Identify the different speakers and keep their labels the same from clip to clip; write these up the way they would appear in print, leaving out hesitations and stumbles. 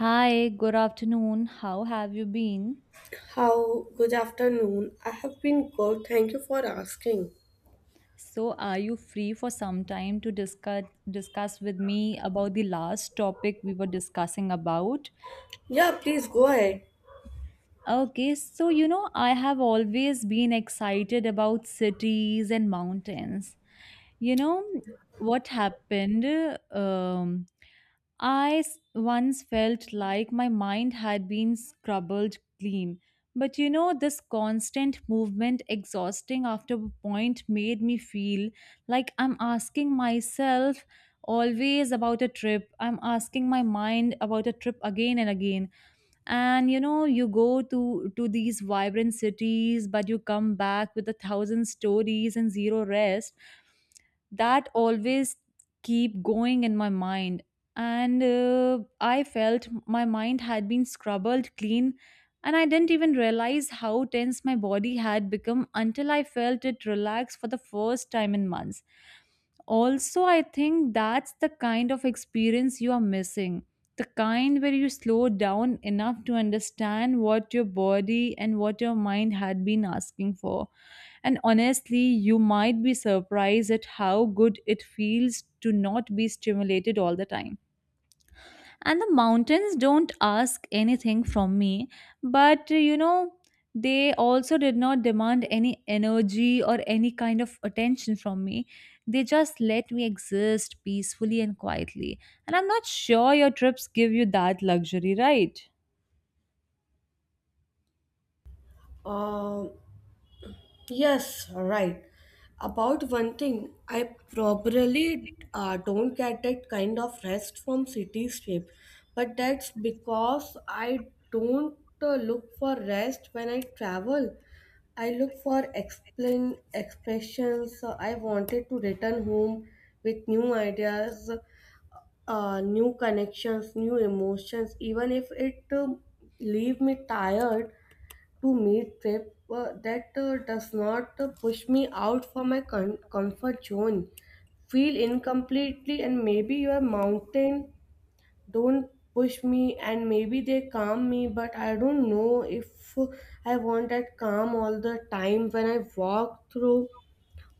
Speaker 1: Hi, good afternoon. How have you been?
Speaker 2: How good afternoon. I have been good. Thank you for asking.
Speaker 1: So, are you free for some time to discuss with me about the last topic we were discussing about?
Speaker 2: Yeah, please go ahead.
Speaker 1: Okay, so you know, I have always been excited about cities and mountains. You know, what happened? Um, once felt like my mind had been scrubbed clean. But you know, this constant movement, exhausting after a point, made me feel like I'm asking myself always about a trip. I'm asking my mind about a trip again and again. And you know, you go to these vibrant cities, but you come back with a thousand stories and zero rest that always keep going in my mind. And I felt my mind had been scrubbed clean, and I didn't even realize how tense my body had become until I felt it relax for the first time in months. Also, I think that's the kind of experience you are missing, the kind where you slow down enough to understand what your body and what your mind had been asking for. And honestly, you might be surprised at how good it feels to not be stimulated all the time. And the mountains don't ask anything from me, but you know, they also did not demand any energy or any kind of attention from me. They just let me exist peacefully and quietly. And I'm not sure your trips give you that luxury, right?
Speaker 2: Um, yes, right. About one thing, I probably don't get that kind of rest from cityscape, but that's because I don't look for rest when I travel. I look for explain expressions. So, I wanted to return home with new ideas, new connections, new emotions, even if it leave me tired to meet trip that does not push me out from my comfort zone. Feel incompletely and maybe your mountain don't push me and maybe they calm me, but I don't know if I want that calm all the time. When I walk through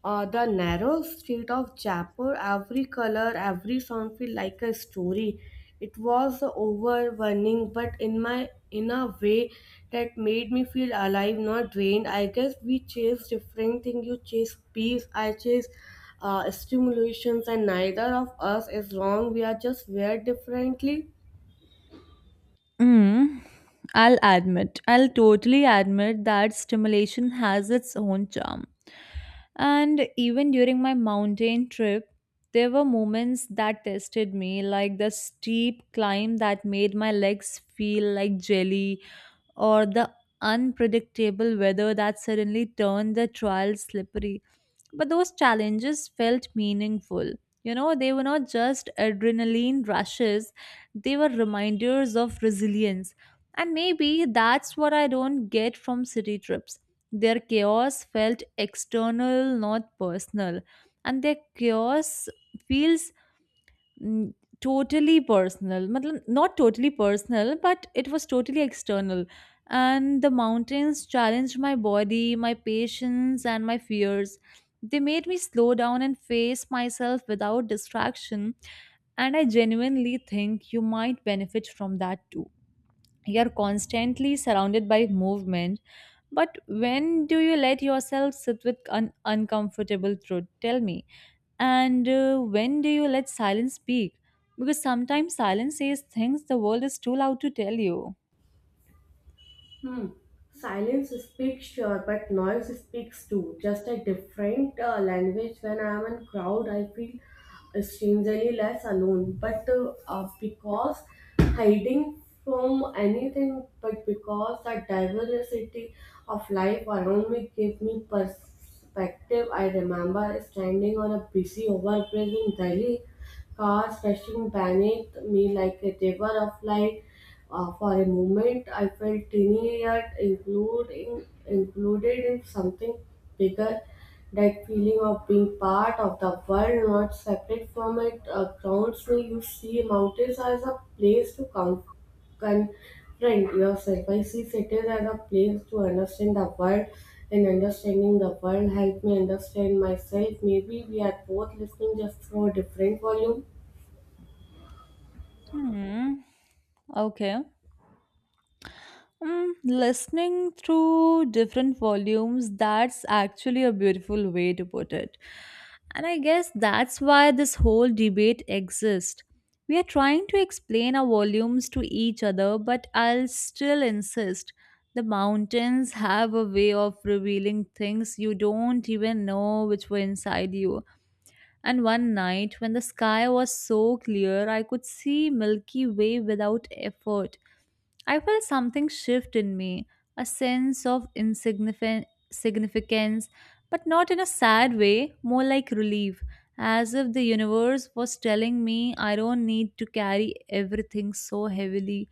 Speaker 2: the narrow street of Jaipur, every color, every sound feel like a story. It was overwhelming, but in a way that made me feel alive, not drained. I guess we chase different things. You chase peace. I chase stimulations, and neither of us is wrong. We are just wired differently.
Speaker 1: Mm, I'll admit, I'll totally admit that stimulation has its own charm. And even during my mountain trip, there were moments that tested me, like the steep climb that made my legs feel like jelly, or the unpredictable weather that suddenly turned the trail slippery. But those challenges felt meaningful. You know, they were not just adrenaline rushes, they were reminders of resilience. And maybe that's what I don't get from city trips. Their chaos felt external, not personal. And their chaos feels, mm, totally personal, matlab not totally personal, but it was totally external. And the mountains challenged my body, my patience, and my fears. They made me slow down and face myself without distraction. And I genuinely think you might benefit from that too. You're constantly surrounded by movement, but when do you let yourself sit with an uncomfortable truth? Tell me. And when do you let silence speak? Because sometimes silence says things the world is too loud to tell you.
Speaker 2: Hmm. Silence speaks, sure, but noise speaks too. Just a different language. When I am in crowd, I feel strangely less alone. But because hiding from anything, but because the diversity of life around me gave me perspective. I remember standing on a busy overbridge in Delhi, cars rushing beneath me like a river of light. For a moment, I felt teeny yet included in something bigger. That feeling of being part of the world, not separate from it, grounds me. You see mountains as a place to come confront yourself. I see cities as a place to understand the world, and understanding the world help me understand myself. Maybe we are both listening just through a different volume.
Speaker 1: Hmm. Okay. Mm, listening through different volumes, that's actually a beautiful way to put it. And I guess that's why this whole debate exists. We are trying to explain our volumes to each other, but I'll still insist the mountains have a way of revealing things you don't even know which were inside you. And one night, when the sky was so clear, I could see Milky Way without effort. I felt something shift in me, a sense of insignificant significance, but not in a sad way, more like relief, as if the universe was telling me I don't need to carry everything so heavily.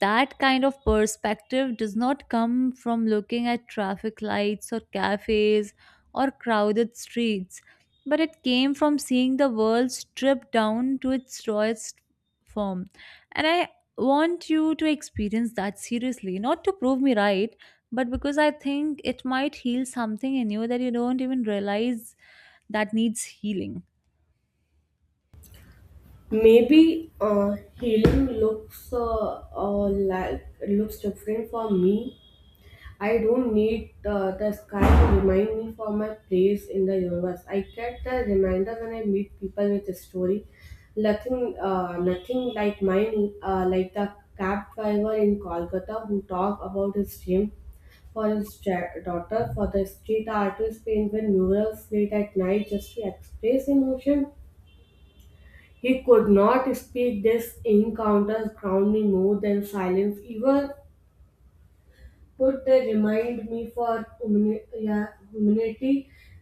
Speaker 1: That kind of perspective does not come from looking at traffic lights or cafes or crowded streets, but it came from seeing the world stripped down to its rawest form. And I want you to experience that, seriously, not to prove me right, but because I think it might heal something in you that you don't even realize that needs healing.
Speaker 2: Maybe healing looks different for me. I don't need the sky to remind me for my place in the universe. I get the reminder when I meet people with a story. Nothing like mine, like the cab driver in Kolkata who talked about his dream for his daughter, for the street artist painted murals late at night just to express emotion. He could not speak. This encounters ground me more than silence. Even would they remind me for yeah, humanity,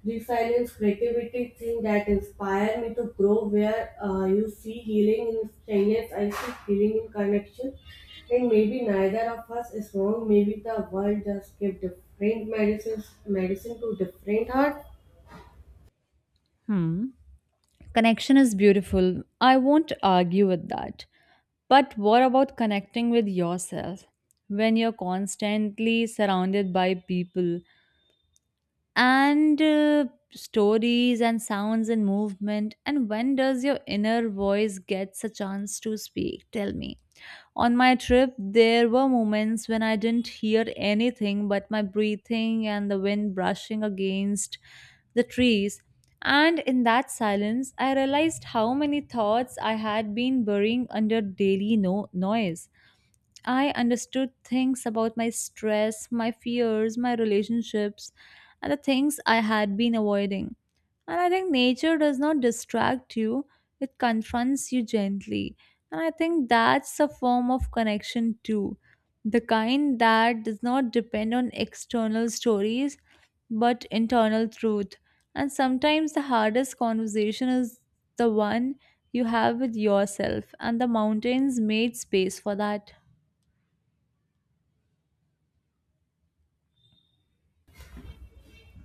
Speaker 2: resilience, creativity, things that inspire me to grow. Where you see healing in strangers, I see healing in connection. And maybe neither of us is wrong. Maybe the world just give different medicines, medicine to different heart.
Speaker 1: Hmm. Connection is beautiful, I won't argue with that. But what about connecting with yourself when you're constantly surrounded by people and stories and sounds and movement? And when does your inner voice gets a chance to speak? Tell me. On my trip, there were moments when I didn't hear anything but my breathing and the wind brushing against the trees. And in that silence, I realized how many thoughts I had been burying under daily noise. I understood things about my stress, my fears, my relationships, and the things I had been avoiding. And I think nature does not distract you, it confronts you gently. And I think that's a form of connection too. The kind that does not depend on external stories but internal truth. And sometimes the hardest conversation is the one you have with yourself, and the mountains made space for that.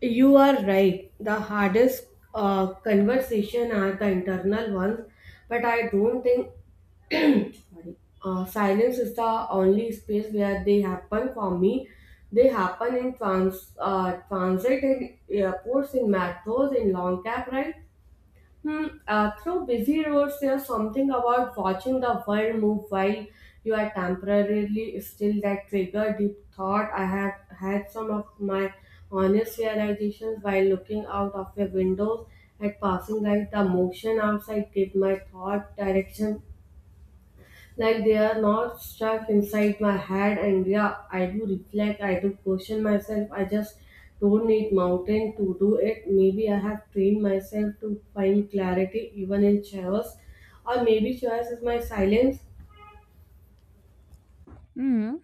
Speaker 2: You are right. The hardest conversation are the internal ones, but I don't think. Sorry. Silence is the only space where they happen for me. They happen in transit, in airports, in metros, in long cab rides. Hmm, through busy roads, there's something about watching the world move while you are temporarily still that trigger deep thought. I have had some of my honest realizations while looking out of a windows at passing light. The motion outside gave my thought direction, like they are not stuck inside my head, and yeah, I do reflect, I do question myself. I just don't need mountain to do it. Maybe I have trained myself to find clarity even in chaos, or maybe chaos is my silence.
Speaker 1: Hmm.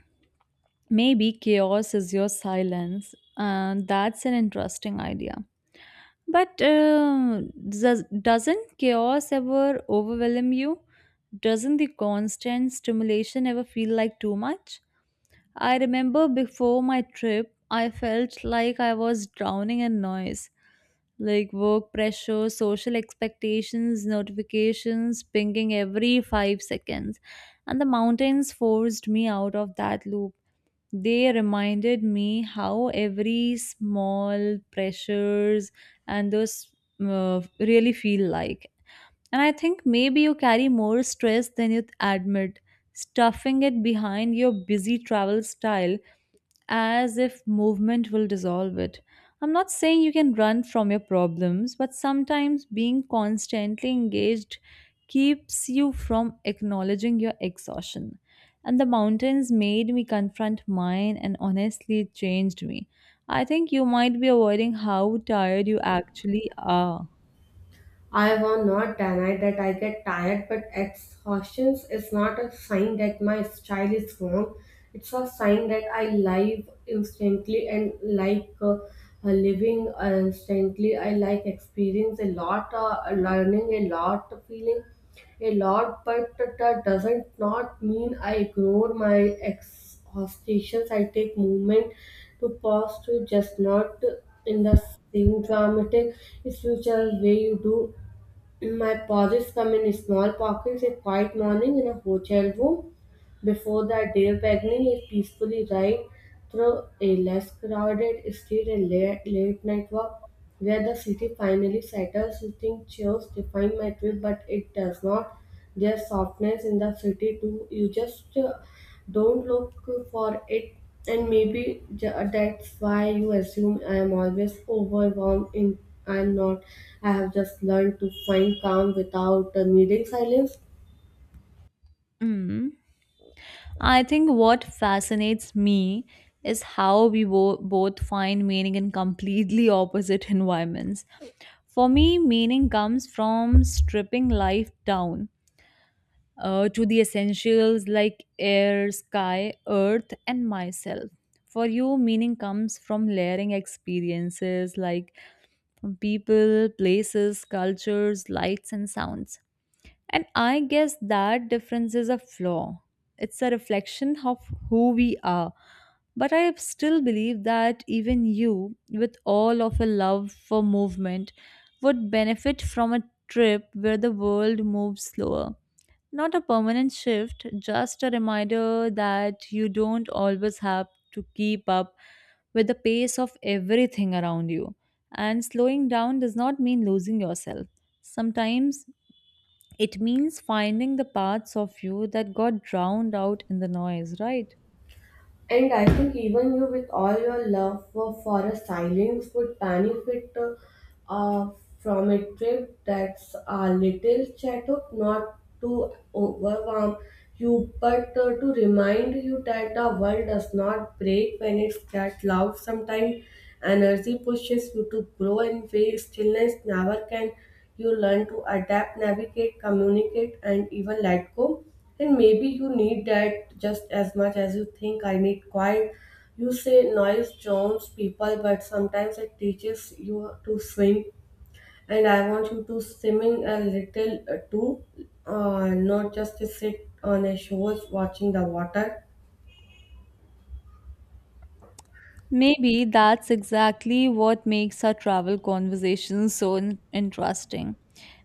Speaker 1: Maybe chaos is your silence, and that's an interesting idea. But does, doesn't chaos ever overwhelm you? Doesn't the constant stimulation ever feel like too much? I remember before my trip, I felt like I was drowning in noise, like work pressure, social expectations, notifications pinging every 5 seconds. And the mountains forced me out of that loop. They reminded me how every small pressures and those really feel like. And I think maybe you carry more stress than you admit, stuffing it behind your busy travel style as if movement will dissolve it. I'm not saying you can run from your problems, but sometimes being constantly engaged keeps you from acknowledging your exhaustion. And the mountains made me confront mine, and honestly, it changed me. I think you might be avoiding how tired you actually are.
Speaker 2: I will not deny that I get tired, but exhaustion is not a sign that my style is wrong. It's a sign that I live instantly, and like living instantly. I like experience a lot, learning a lot, feeling a lot, but that doesn't not mean I ignore my exhaustations. I take moment to pause, to just not in the same dramatic spiritual way you do. My pauses come in small pockets: a quiet morning in a hotel room, before that, Dave Bagney peacefully ride through a less crowded street, and late night walk where the city finally settles. You think chairs define my trip, but it does not. There's softness in the city too. You just don't look for it, and maybe that's why you assume I am always overwhelmed. In I'm not. I have just learned to find calm without needing silence.
Speaker 1: Mm. I think what fascinates me is how we both find meaning in completely opposite environments. For me, meaning comes from stripping life down to the essentials, like air, sky, earth, and myself. For you, meaning comes from layering experiences, like from people, places, cultures, lights, and sounds. And I guess that difference is a flaw. It's a reflection of who we are. But I still believe that even you, with all of your love for movement, would benefit from a trip where the world moves slower. Not a permanent shift, just a reminder that you don't always have to keep up with the pace of everything around you. And slowing down does not mean losing yourself. Sometimes it means finding the parts of you that got drowned out in the noise, right?
Speaker 2: And I think even you, with all your love for, a silence, would benefit uh, from a trip that's a little chat up, not to overwhelm you, but to remind you that the world does not break when it's that loud. Sometimes energy pushes you to grow and way stillness never can. You learn to adapt, navigate, communicate, and even let go. And maybe you need that just as much as you think I need quiet. You say noise charms people, but sometimes it teaches you to swim. And I want you to swimming a little too, not just to sit on a shore watching the water.
Speaker 1: Maybe that's exactly what makes our travel conversations so interesting.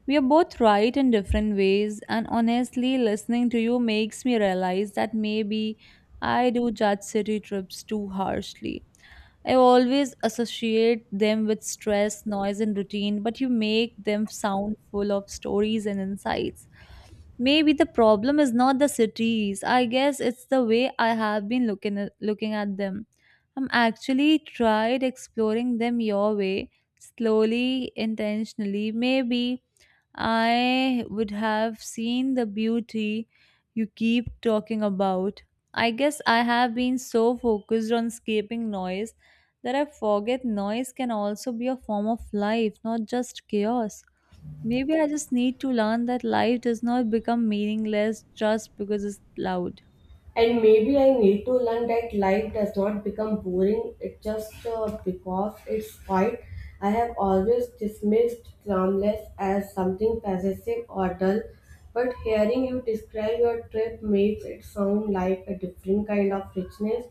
Speaker 1: We are both right in different ways, and honestly, listening to you makes me realize that maybe I do judge city trips too harshly. I always associate them with stress, noise, and routine, but you make them sound full of stories and insights. Maybe the problem is not the cities. I guess it's the way I have been looking at them. I'm actually tried exploring them your way, slowly, intentionally. Maybe I would have seen the beauty you keep talking about. I guess I have been so focused on escaping noise that I forget noise can also be a form of life, not just chaos. Maybe I just need to learn that life does not become meaningless just because it's loud.
Speaker 2: And maybe I need to learn that life does not become boring it just because it's quiet. I have always dismissed glamless as something possessive or dull, but hearing you describe your trip makes it sound like a different kind of richness.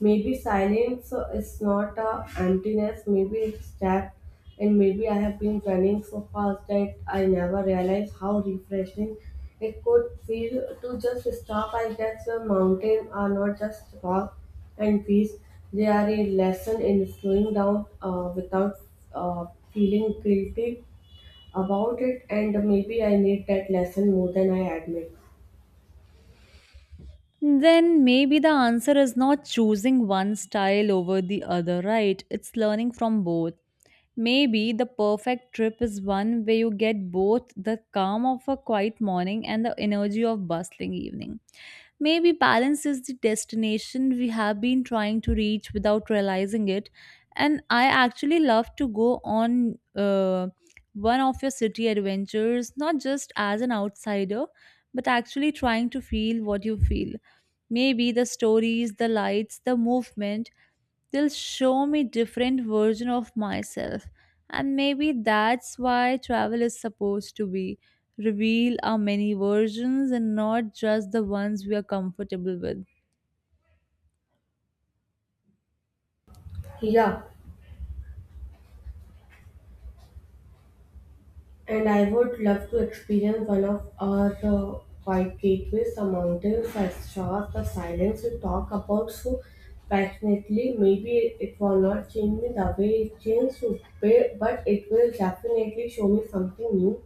Speaker 2: Maybe silence is not a emptiness, maybe it's depth. And maybe I have been running so fast that I never realized how refreshing it could feel to just stop. I guess the mountains are not just rock and trees; they are a lesson in slowing down without uh, feeling guilty about it. And maybe I need that lesson more than I admit.
Speaker 1: Then maybe the answer is not choosing one style over the other, right? It's learning from both. Maybe the perfect trip is one where you get both the calm of a quiet morning and the energy of bustling evening. Maybe balance is the destination we have been trying to reach without realizing it. And I actually love to go on one of your city adventures, not just as an outsider, but actually trying to feel what you feel. Maybe the stories, the lights, the movement, they'll show me different version of myself. And maybe that's why travel is supposed to be reveal our many versions and not just the ones we are comfortable with.
Speaker 2: Yeah. And I would love to experience one of our white gateways, the mountains, the stars, the silence you talk about so passionately. Maybe it will not change me the way it changed you, but it will definitely show me something new.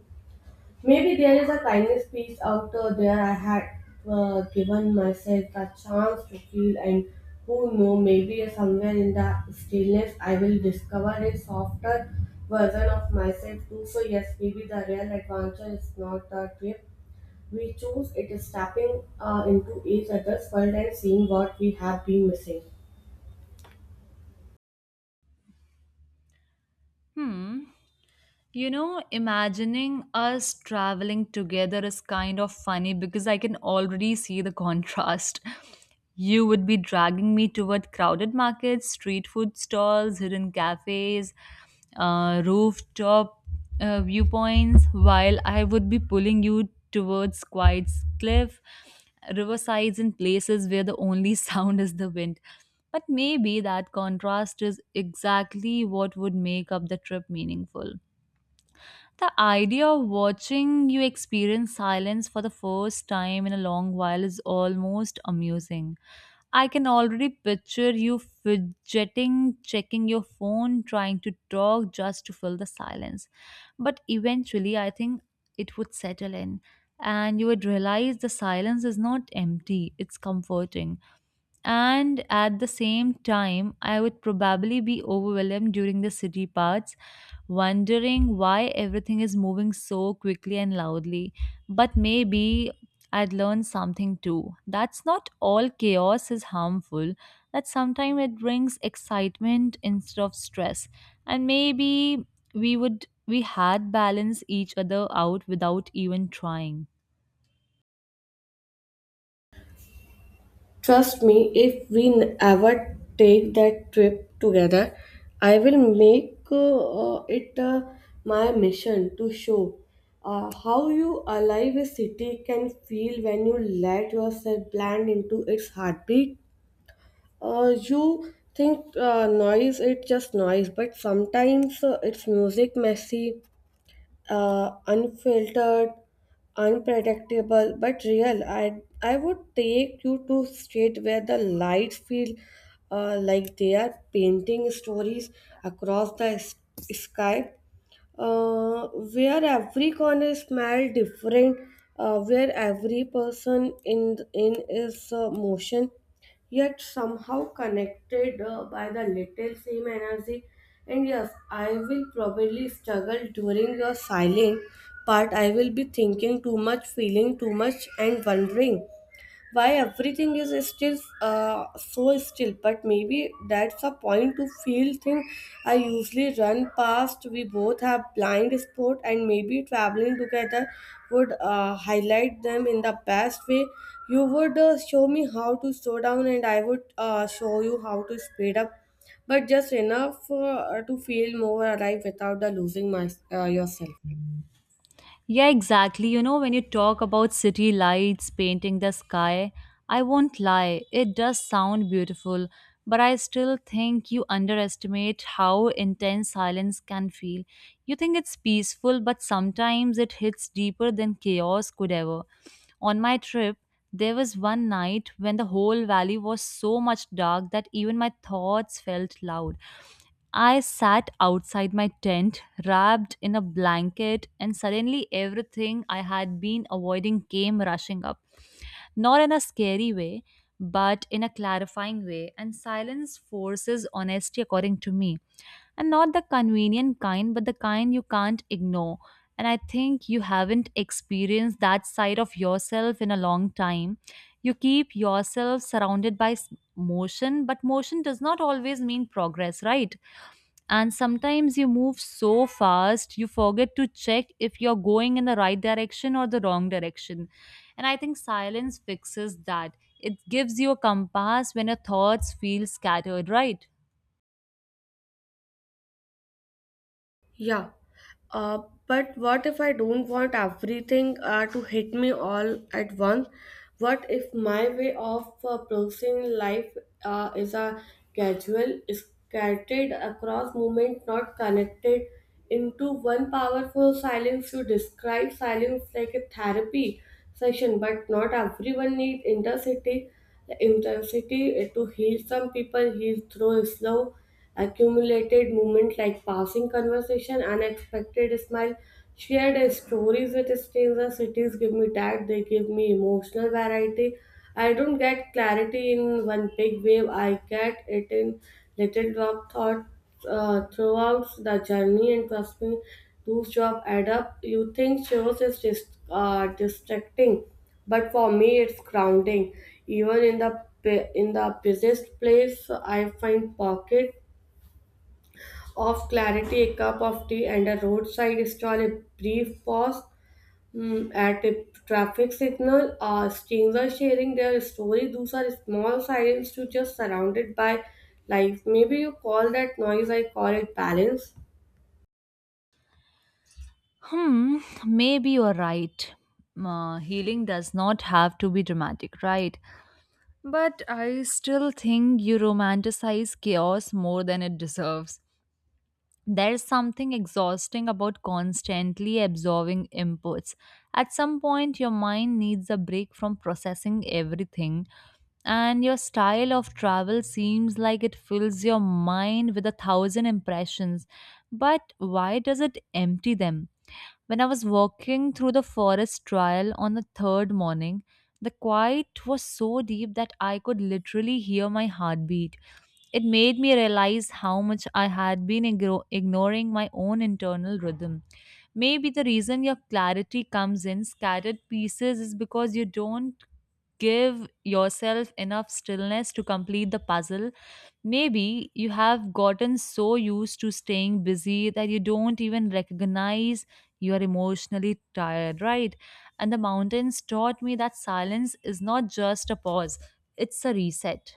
Speaker 2: Maybe there is a kindness piece out there I had given myself a chance to feel, and who know, maybe somewhere in the stillness I will discover a softer version of myself too. So, yes, maybe the real adventure is not the trip we choose, it is stepping into each other's world and seeing what we have been missing.
Speaker 1: Hmm. You know, imagining us traveling together is kind of funny because I can already see the contrast. You would be dragging me toward crowded markets, street food stalls, hidden cafes, rooftop viewpoints, while I would be pulling you towards quiet cliff, riversides, and places where the only sound is the wind. But maybe that contrast is exactly what would make up the trip meaningful. The idea of watching you experience silence for the first time in a long while is almost amusing. I can already picture you fidgeting, checking your phone, trying to talk just to fill the silence. But eventually, I think it would settle in, and you would realize the silence is not empty, it's comforting. And at the same time, I would probably be overwhelmed during the city parts, wondering why everything is moving so quickly and loudly. But maybe I'd learn something too. That's not all chaos is harmful, that sometimes it brings excitement instead of stress. And maybe we had balance each other out without even trying.
Speaker 2: Trust me, if we ever take that trip together, I will make it my mission to show how you alive a city can feel when you let yourself blend into its heartbeat. You think noise, it's just noise, but sometimes it's music, messy, unfiltered, unpredictable, but real. I would take you to street where the lights feel like they are painting stories across the sky, where every corner smell different, where every person in is motion, yet somehow connected by the little same energy. And yes, I will probably struggle during your silent part. I will be thinking too much, feeling too much, and wondering why everything is still so still. But maybe that's a point to feel thing I usually run past. We both have blind spot, and maybe traveling together would highlight them in the best way. You would show me how to slow down, and I would show you how to speed up, but just enough to feel more alive without losing yourself.
Speaker 1: Yeah, exactly. You know, when you talk about city lights painting the sky, I won't lie, it does sound beautiful, but I still think you underestimate how intense silence can feel. You think it's peaceful, but sometimes it hits deeper than chaos could ever. On my trip, there was one night when the whole valley was so much dark that even my thoughts felt loud. I sat outside my tent, wrapped in a blanket, and suddenly everything I had been avoiding came rushing up. Not in a scary way, but in a clarifying way. And silence forces honesty, according to me. And not the convenient kind, but the kind you can't ignore. And I think you haven't experienced that side of yourself in a long time. You keep yourself surrounded by motion, but motion does not always mean progress, right? And sometimes you move so fast, you forget to check if you're going in the right direction or the wrong direction. And I think silence fixes that. It gives you a compass when your thoughts feel scattered, right?
Speaker 2: Yeah. But what if I don't want everything to hit me all at once? What if my way of approaching life is a gradual, scattered across movement, not connected into one powerful silence? You describe silence like a therapy session, but not everyone needs intensity. The intensity to heal. Some people heal through slow accumulated moments like passing conversation, unexpected smile, shared stories with strangers. Cities give me that, they give me emotional variety. I don't get clarity in one big wave, I get it in little drop thought throughout the journey, and trust me, those jobs add up. You think shows is just distracting, but for me, it's grounding. Even in the busiest place I find pocket of clarity, a cup of tea, and a roadside stall, a brief pause at a traffic signal, strangers sharing their story. Those are small signs to just surrounded by life. Maybe you call that noise, I call it balance.
Speaker 1: Hmm, maybe you're right. Healing does not have to be dramatic, right? But I still think you romanticize chaos more than it deserves. There's something exhausting about constantly absorbing inputs. At some point, your mind needs a break from processing everything, and your style of travel seems like it fills your mind with a thousand impressions. But why does it empty them? When I was walking through the forest trail on the third morning, the quiet was so deep that I could literally hear my heartbeat. It made me realize how much I had been ignoring my own internal rhythm. Maybe the reason your clarity comes in scattered pieces is because you don't give yourself enough stillness to complete the puzzle. Maybe you have gotten so used to staying busy that you don't even recognize you are emotionally tired, right? And the mountains taught me that silence is not just a pause, it's a reset.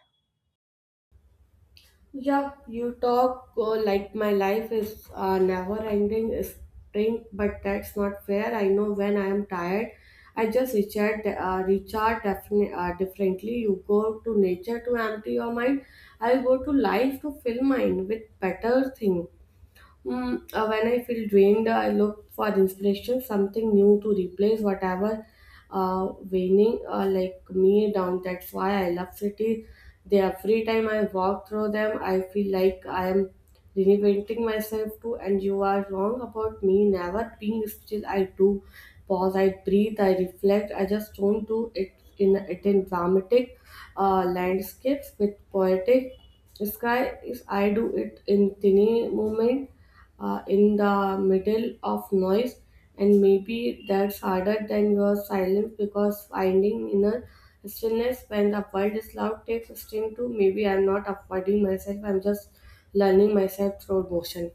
Speaker 2: Yeah, you talk like my life is a never ending sprint, but that's not fair. I know when I am tired, I just recharge differently. You go to nature to empty your mind. I go to life to fill mine with better thing. Mm, when I feel drained, I look for inspiration, something new to replace whatever waning like me down. That's why I love cities. They every time I walk through them, I feel like I am reinventing myself too. And you are wrong about me never being still. I do pause, I breathe, I reflect. I just don't do it in dramatic landscapes with poetic sky. Is I do it in tiny moment in the middle of noise, and maybe that's harder than your silence, because finding inner stillness when the world is loud takes strength too. Maybe I'm not avoiding myself, I'm just learning myself through motion.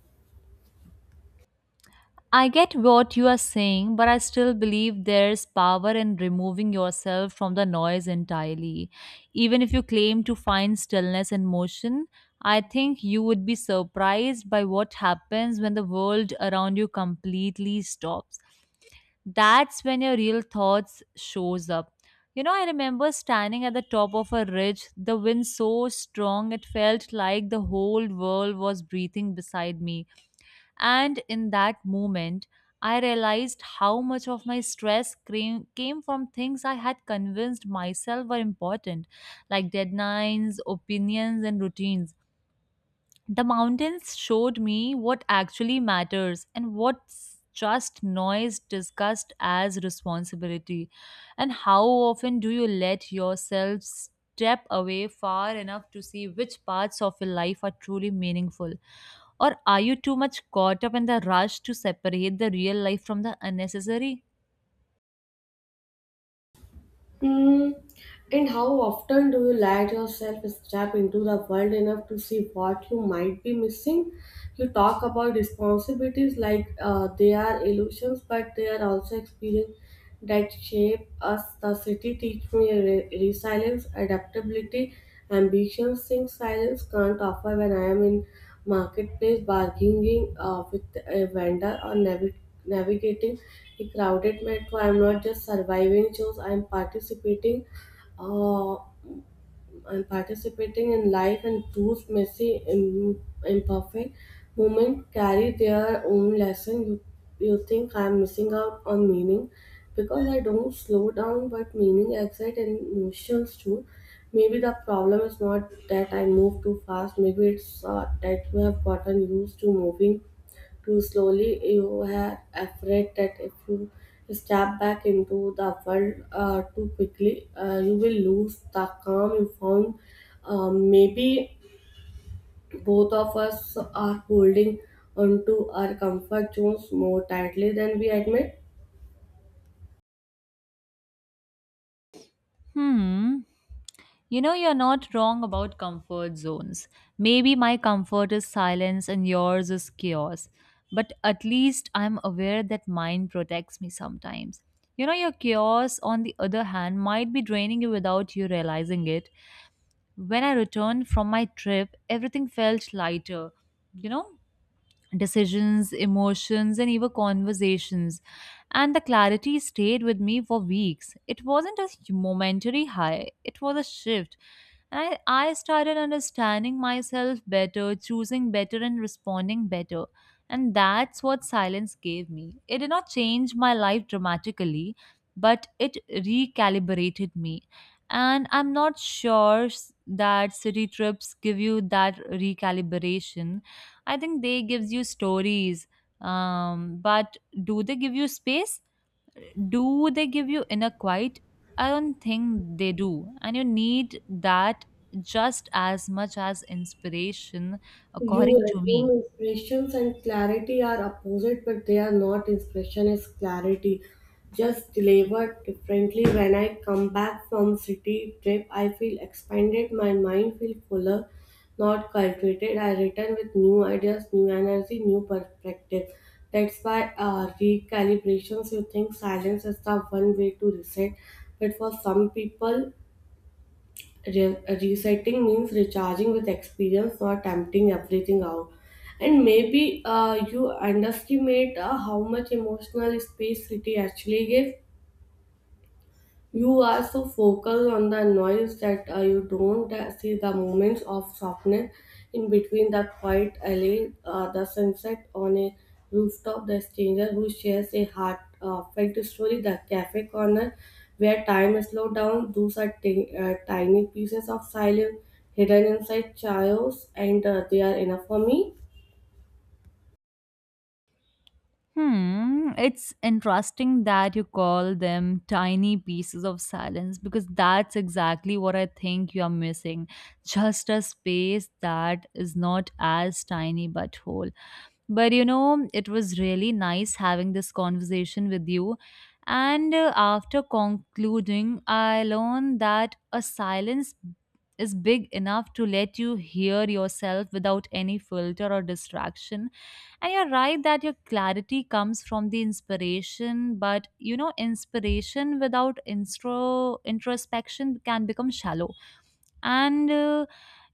Speaker 1: I get what you are saying, but I still believe there's power in removing yourself from the noise entirely. Even if you claim to find stillness and motion, I think you would be surprised by what happens when the world around you completely stops. That's when your real thoughts shows up. You know, I remember standing at the top of a ridge, the wind so strong it felt like the whole world was breathing beside me. And in that moment, I realized how much of my stress came from things I had convinced myself were important, like deadlines, opinions, and routines. The mountains showed me what actually matters and what's just noise discussed as responsibility. And how often do you let yourself step away far enough to see which parts of your life are truly meaningful? Or are you too much caught up in the rush to separate the real life from the unnecessary?
Speaker 2: Mm, and how often do you let yourself step into the world enough to see what you might be missing? You talk about responsibilities like they are illusions, but they are also experience that shape us. The city teach me resilience, adaptability, ambition, things silence can't offer. When I am in marketplace bargaining with a vendor or navigating a crowded metro, I'm not just surviving shows. I'm participating. Uh, I'm participating in life, and those messy, imperfect moments carry their own lesson. You think I'm missing out on meaning because I don't slow down, but meaning excites and emotions too. Maybe the problem is not that I move too fast. Maybe it's that you have gotten used to moving too slowly. You are afraid that if you step back into the world too quickly, you will lose the calm you found. Maybe both of us are holding onto our comfort zones more tightly than we admit.
Speaker 1: Hmm. You know, you're not wrong about comfort zones. Maybe my comfort is silence and yours is chaos. But at least I'm aware that mine protects me sometimes. You know, your chaos, on the other hand, might be draining you without you realizing it. When I returned from my trip, everything felt lighter. You know? Decisions, emotions, and even conversations. And the clarity stayed with me for weeks. It wasn't a momentary high, it was a shift. And I started understanding myself better, choosing better, and responding better. And that's what silence gave me. It did not change my life dramatically, but it recalibrated me. And I'm not sure that city trips give you that recalibration. I think they gives you stories. But do they give you space? Do they give you inner quiet? I don't think they do. And you need that just as much as inspiration,
Speaker 2: You
Speaker 1: according to
Speaker 2: assume
Speaker 1: me.
Speaker 2: inspirations and clarity are opposite, but they are not. Inspiration is clarity, just delivered differently. When I come back from city trip, I feel expanded. My mind feel fuller, not cultivated. I return with new ideas, new energy, new perspective. That's why recalibrations. You think silence is the one way to reset, but for some people, resetting means recharging with experience, not emptying everything out. And maybe you underestimate how much emotional space city actually gives. You are so focused on the noise that you don't see the moments of softness in between: the quiet alley, the sunset on a rooftop, the stranger who shares a heartfelt story, the cafe corner where time is slowed down. Those are tiny pieces of silence hidden inside chaos, and they are enough for me.
Speaker 1: Hmm, it's interesting that you call them tiny pieces of silence because that's exactly what I think you are missing. Just a space that is not as tiny but whole. But you know, it was really nice having this conversation with you. And after concluding, I learned that a silence is big enough to let you hear yourself without any filter or distraction. And you're right that your clarity comes from the inspiration, but you know, inspiration without introspection can become shallow. And, uh,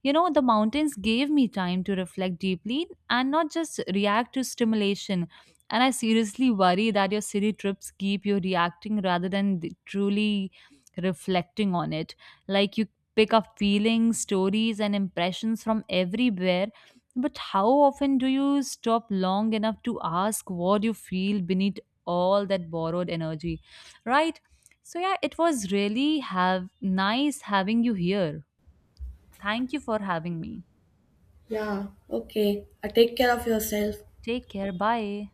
Speaker 1: you know, the mountains gave me time to reflect deeply and not just react to stimulation. And I seriously worry that your city trips keep you reacting rather than truly reflecting on it. Like you pick up feelings, stories, and impressions from everywhere. But how often do you stop long enough to ask what you feel beneath all that borrowed energy? Right? So yeah, it was really have nice having you here. Thank you for having me.
Speaker 2: Yeah, okay. Take care of yourself.
Speaker 1: Take care. Bye.